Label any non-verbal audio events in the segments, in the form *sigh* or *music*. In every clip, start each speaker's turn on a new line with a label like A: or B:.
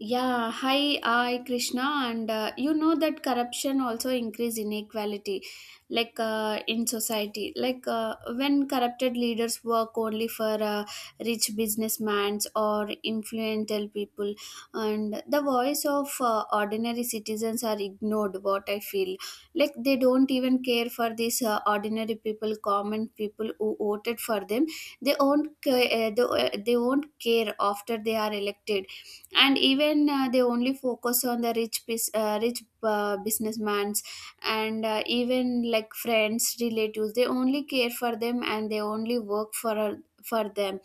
A: Yeah, hi, I Krishna, and you know that corruption also increase inequality, like in society. Like when corrupted leaders work only for rich businessmen or influential people, and the voice of ordinary citizens are ignored. What I feel, like they don't even care for these ordinary people, common people who voted for them. They won't, they won't care after they are elected, and even they only focus on the rich businessmans, and even like friends relatives, they only care for them and they only work for them.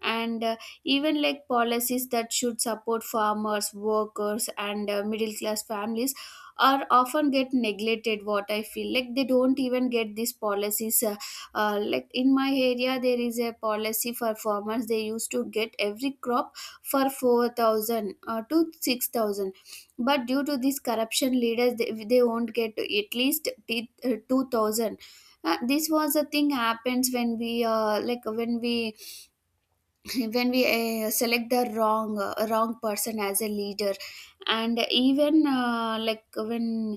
A: And even like policies that should support farmers workers and middle class families are often get neglected. What I feel, like they don't even get these policies. Like in my area there is a policy for farmers. They used to get every crop for 4,000 to 6,000, but due to this corruption leaders, they won't get at least 2,000. This was a thing happens when we *laughs* when we select the wrong person as a leader. And even like when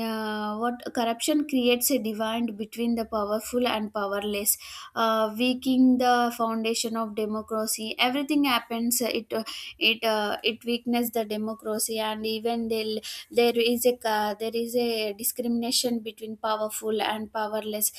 A: what corruption creates a divide between the powerful and powerless, weakening the foundation of democracy. Everything happens, it weakens the democracy, and even they'll, there is a discrimination between powerful and powerless.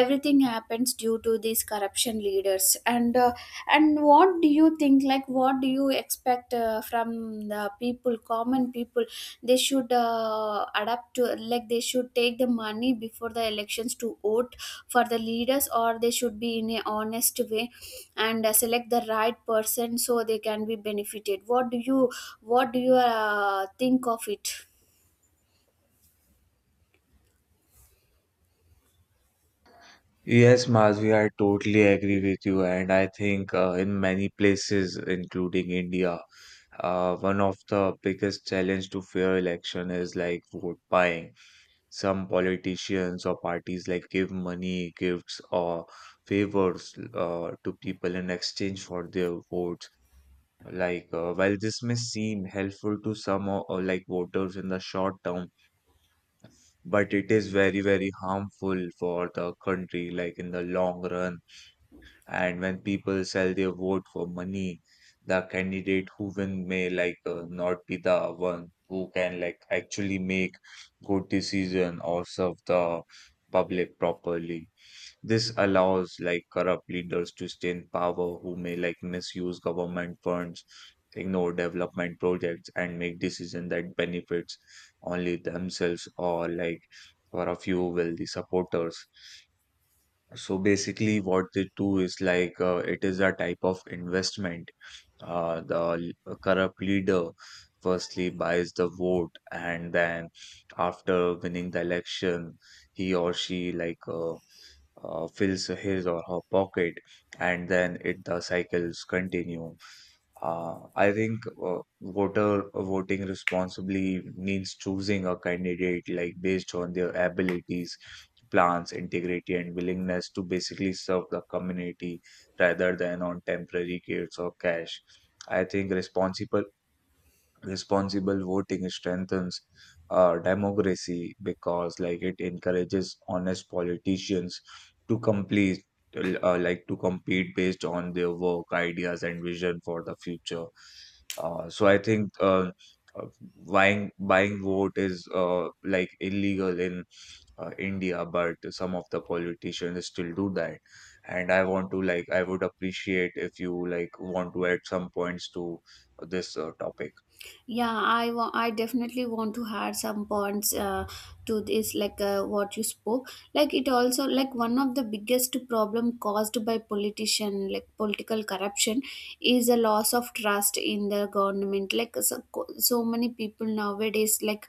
A: Everything happens due to these corruption leaders. And what do you think, like what do you expect from the people, common people? They should adapt to, like they should take the money before the elections to vote for the leaders, or they should be in a honest way and select the right person so they can be benefited. What do you think of it?
B: Yes, Mazvi, I totally agree with you. And I think in many places, including India, one of the biggest challenge to fair election is like vote buying. Some politicians or parties like give money, gifts, or favors to people in exchange for their votes. Like while this may seem helpful to some or like voters in the short term, but it is very, very harmful for the country, like in the long run, and when people sell their vote for money, the candidate who win may like not be the one who can like actually make good decision or serve the public properly. This allows like corrupt leaders to stay in power who may like misuse government funds, ignore development projects, and make decisions that benefits only themselves or like for a few wealthy supporters. So basically, what they do is like it is a type of investment. The corrupt leader firstly buys the vote, and then after winning the election, he or she like fills his or her pocket, and then it the cycles continue. I think voter voting responsibly means choosing a candidate like based on their abilities, plans, integrity, and willingness to basically serve the community rather than on temporary gates or cash. I think responsible Responsible voting strengthens democracy because like it encourages honest politicians to complete like to compete based on their work, ideas, and vision for the future. So I think uh, buying vote is like illegal in India, but some of the politicians still do that. And I want to like I would appreciate if you like want to add some points to this topic.
A: Yeah, I definitely want to add some points to this, like what you spoke. Like it also, like one of the biggest problem caused by politician, like political corruption, is a loss of trust in the government. Like so many people nowadays, like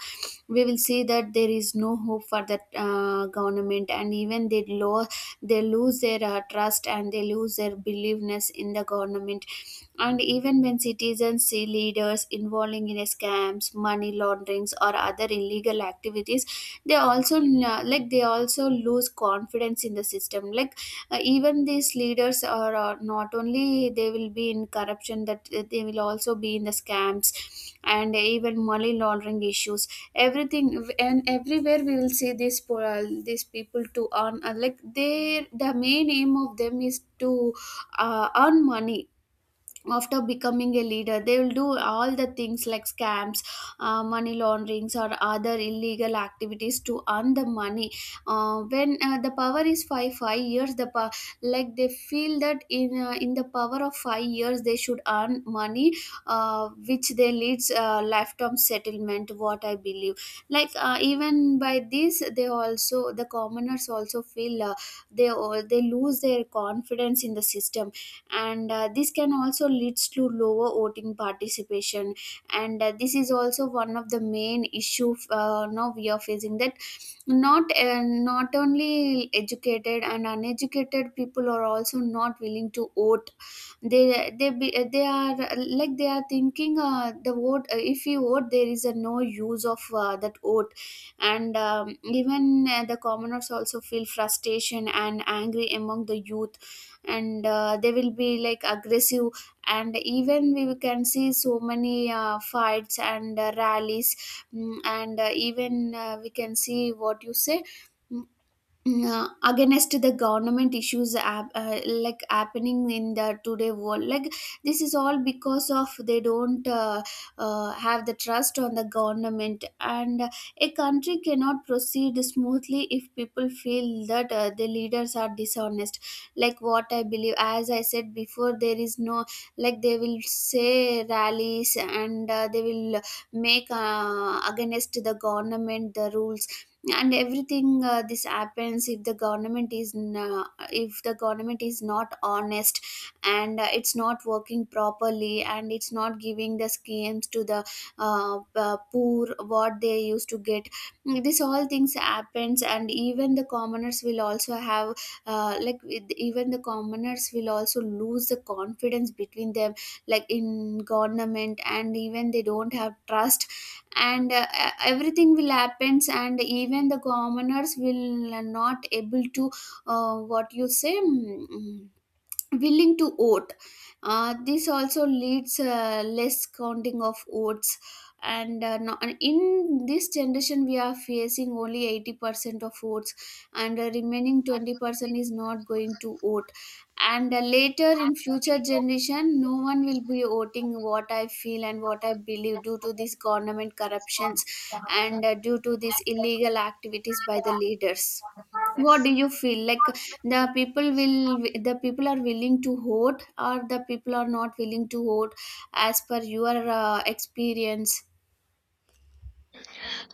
A: we will see that there is no hope for that government, and even they lose their trust, and they lose their believeness in the government. And even when citizens see leaders involving in scams, money launderings, or other illegal activities, they also lose confidence in the system. Like even these leaders are, not only they will be in corruption, that they will also be in the scams and even money laundering issues. Everything and everywhere we will see these people to earn, like they, the main aim of them is to earn money. After becoming a leader, they will do all the things like scams, money launderings or other illegal activities to earn the money. When the power is 5 years, the power, like they feel that in the power of 5 years they should earn money, which they leads lifetime settlement, what I believe. Like even by this, they also, the commoners also feel they all, they lose their confidence in the system. And this can also leads to lower voting participation. And this is also one of the main issue now we are facing, that not only educated and uneducated people are also not willing to vote. They they be, they are like they are thinking, the vote, if you vote there is a no use of that vote. And even the commoners also feel frustration and angry among the youth, and they will be like aggressive. And even we can see so many fights and rallies. And even we can see, what you say, Mm, against the government issues happening in the today world. Like this is all because of they don't have the trust on the government. And a country cannot proceed smoothly if people feel that the leaders are dishonest. Like what I believe, as I said before, there is no, like they will say rallies, and they will make against the government the rules and everything. This happens if the government is not honest, and it's not working properly, and it's not giving the schemes to the poor what they used to get. This all things happens. And even the commoners will also have, even the commoners will also lose the confidence between them, like in government, and even they don't have trust. And everything will happens, and even the commoners will not able to what you say, willing to vote. This also leads less counting of votes, and no, and in this generation we are facing only 80% of votes, and the remaining 20% is not going to vote. And later in future generation, no one will be voting, what I feel and what I believe, due to these government corruptions, and due to these illegal activities by the leaders. What do you feel, like the people are willing to hoard, or the people are not willing to hoard, as per your experience?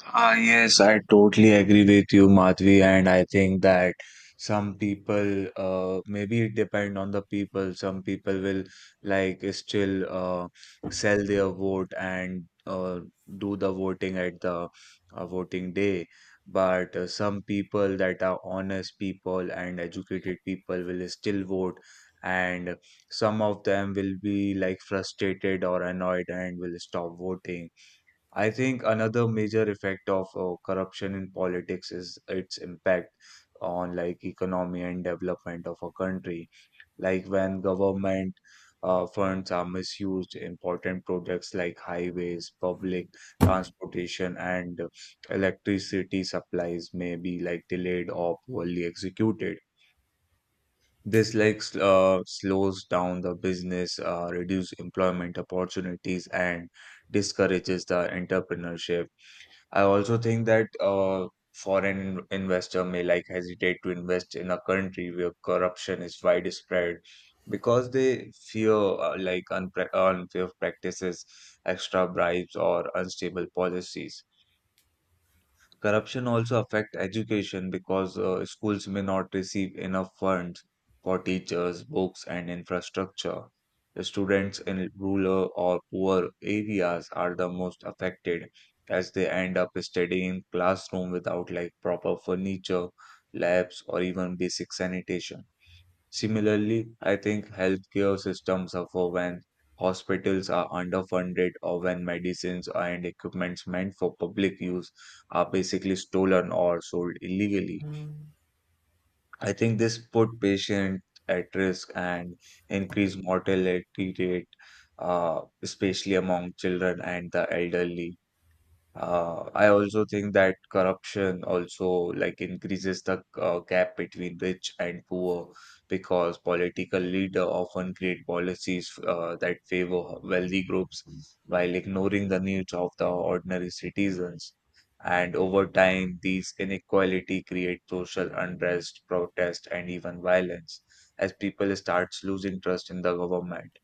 B: Ah, yes, I totally agree with you, Madhvi, and I think that some people, maybe it depend on the people. Some people will like still sell their vote and do the voting at the voting day. But some people that are honest people and educated people will still vote, and some of them will be like frustrated or annoyed and will stop voting. I think another major effect of corruption in politics is its impact on like economy and development of a country. Like when government funds are misused, important projects like highways, public transportation, and electricity supplies may be like delayed or poorly executed. This like slows down the business, reduce employment opportunities, and discourages the entrepreneurship. I also think that foreign investor may like hesitate to invest in a country where corruption is widespread because they fear like unfair practices, extra bribes, or unstable policies. Corruption also affect education because schools may not receive enough funds for teachers, books, and infrastructure. The students in rural or poor areas are the most affected as they end up studying in classroom without like proper furniture, labs, or even basic sanitation. Similarly, I think healthcare systems suffer when hospitals are underfunded or when medicines and equipments meant for public use are basically stolen or sold illegally. I think this put patients at risk and increase mortality rate, especially among children and the elderly. I also think that corruption also like increases the gap between rich and poor because political leader often create policies that favor wealthy groups while ignoring the needs of the ordinary citizens. And over time, these inequality create social unrest, protest, and even violence as people starts losing trust in the government.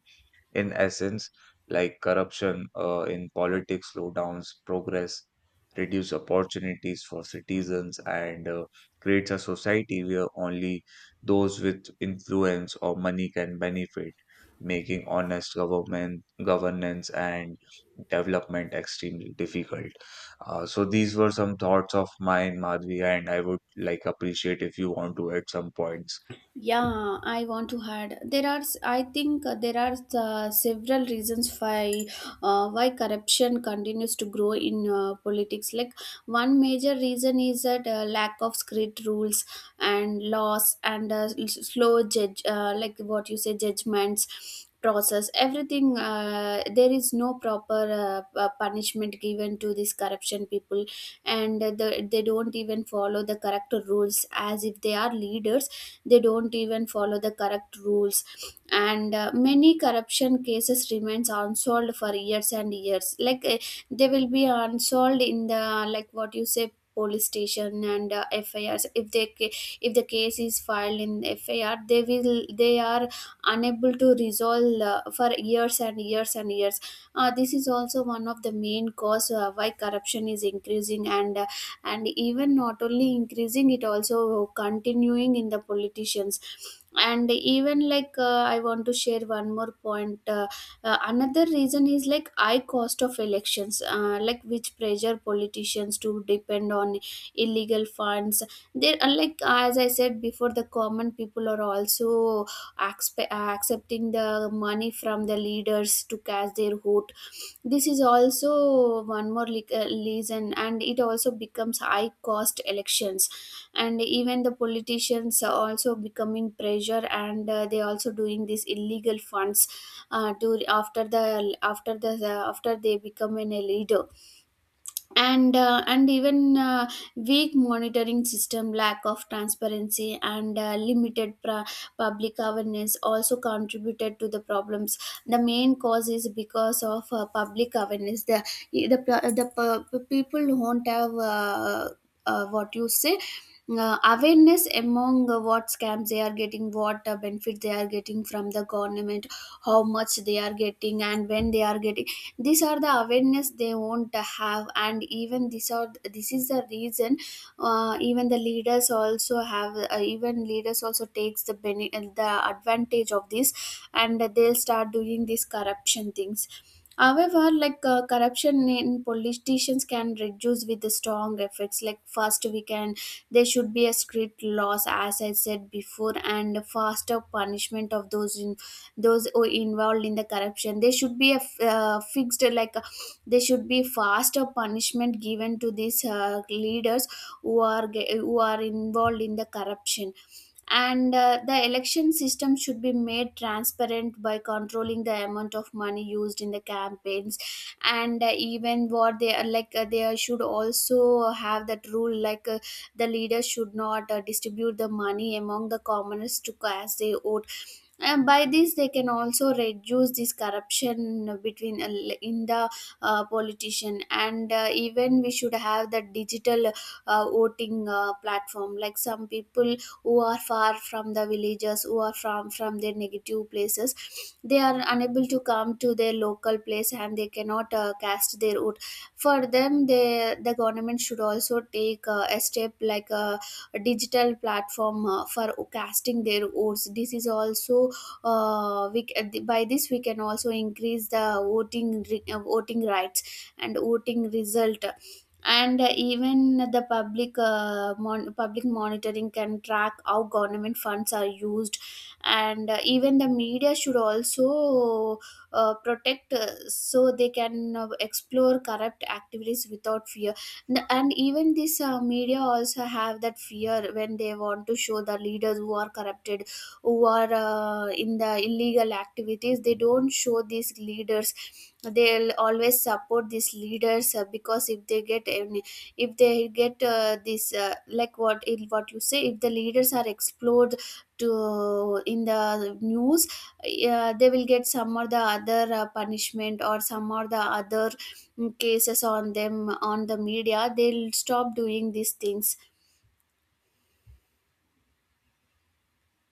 B: In essence, like corruption in politics slow down progress, reduce opportunities for citizens, and creates a society where only those with influence or money can benefit, making honest government governance and development extremely difficult. So these were some thoughts of mine, Madhvi, and I would like appreciate if you want to add some points.
A: Yeah, I want to add. There are, I think, there are several reasons why corruption continues to grow in politics. Like one major reason is that lack of strict rules and laws, and slow like what you say, judgments process everything, there is no proper punishment given to these corruption people. And they don't even follow the correct rules, as if they are leaders they don't even follow the correct rules. And many corruption cases remains unsolved for years and years. Like they will be unsolved in the, like what you say, police station, and FIRs. If if the case is filed in FIR, they are unable to resolve for years and years and years. This is also one of the main cause why corruption is increasing. And even not only increasing, it also continuing in the politicians. And even like I want to share one more point. Another reason is like high cost of elections, like which pressure politicians to depend on illegal funds. They are, like as I said before, the common people are also accepting the money from the leaders to cash their vote. This is also one more reason, and it also becomes high cost elections. And even the politicians are also becoming pressure, and they also doing these illegal funds to, after the, after the, after they become an a leader. And even weak monitoring system, lack of transparency, and limited public awareness also contributed to the problems. The main cause is because of public awareness. The people won't have what you say, awareness among, what scams they are getting, what benefit they are getting from the government, how much they are getting and when they are getting. These are the awareness they won't have. And even this is the reason. Even the leaders also have, even leaders also takes the advantage of this, and they'll start doing these corruption things. However, like corruption in politicians can reduce with the strong effects. Like first, we can, there should be a strict laws, as I said before, and faster punishment of those in those who involved in the corruption. There should be a fixed, like there should be faster punishment given to these leaders who are involved in the corruption, and the election system should be made transparent by controlling the amount of money used in the campaigns, and even what they are like. They should also have that rule, like the leaders should not distribute the money among the commoners to cast their vote, and by this they can also reduce this corruption between in the politician. And even we should have the digital voting platform, like some people who are far from the villages, who are from their negative places, they are unable to come to their local place and they cannot cast their vote. For them, the government should also take a step, like a, digital platform for casting their votes. This is also, by this we can also increase the voting rights and voting result. And even the public monitoring can track how government funds are used. And even the media should also protect, so they can explore corrupt activities without fear. And even this media also have that fear when they want to show the leaders who are corrupted, who are in the illegal activities, they don't show these leaders. They'll always support these leaders because if they get any, if they get this, like what in what you say, if the leaders are explored to in the news, they will get some or the other punishment or some or the other cases on them on the media. They'll stop doing these things.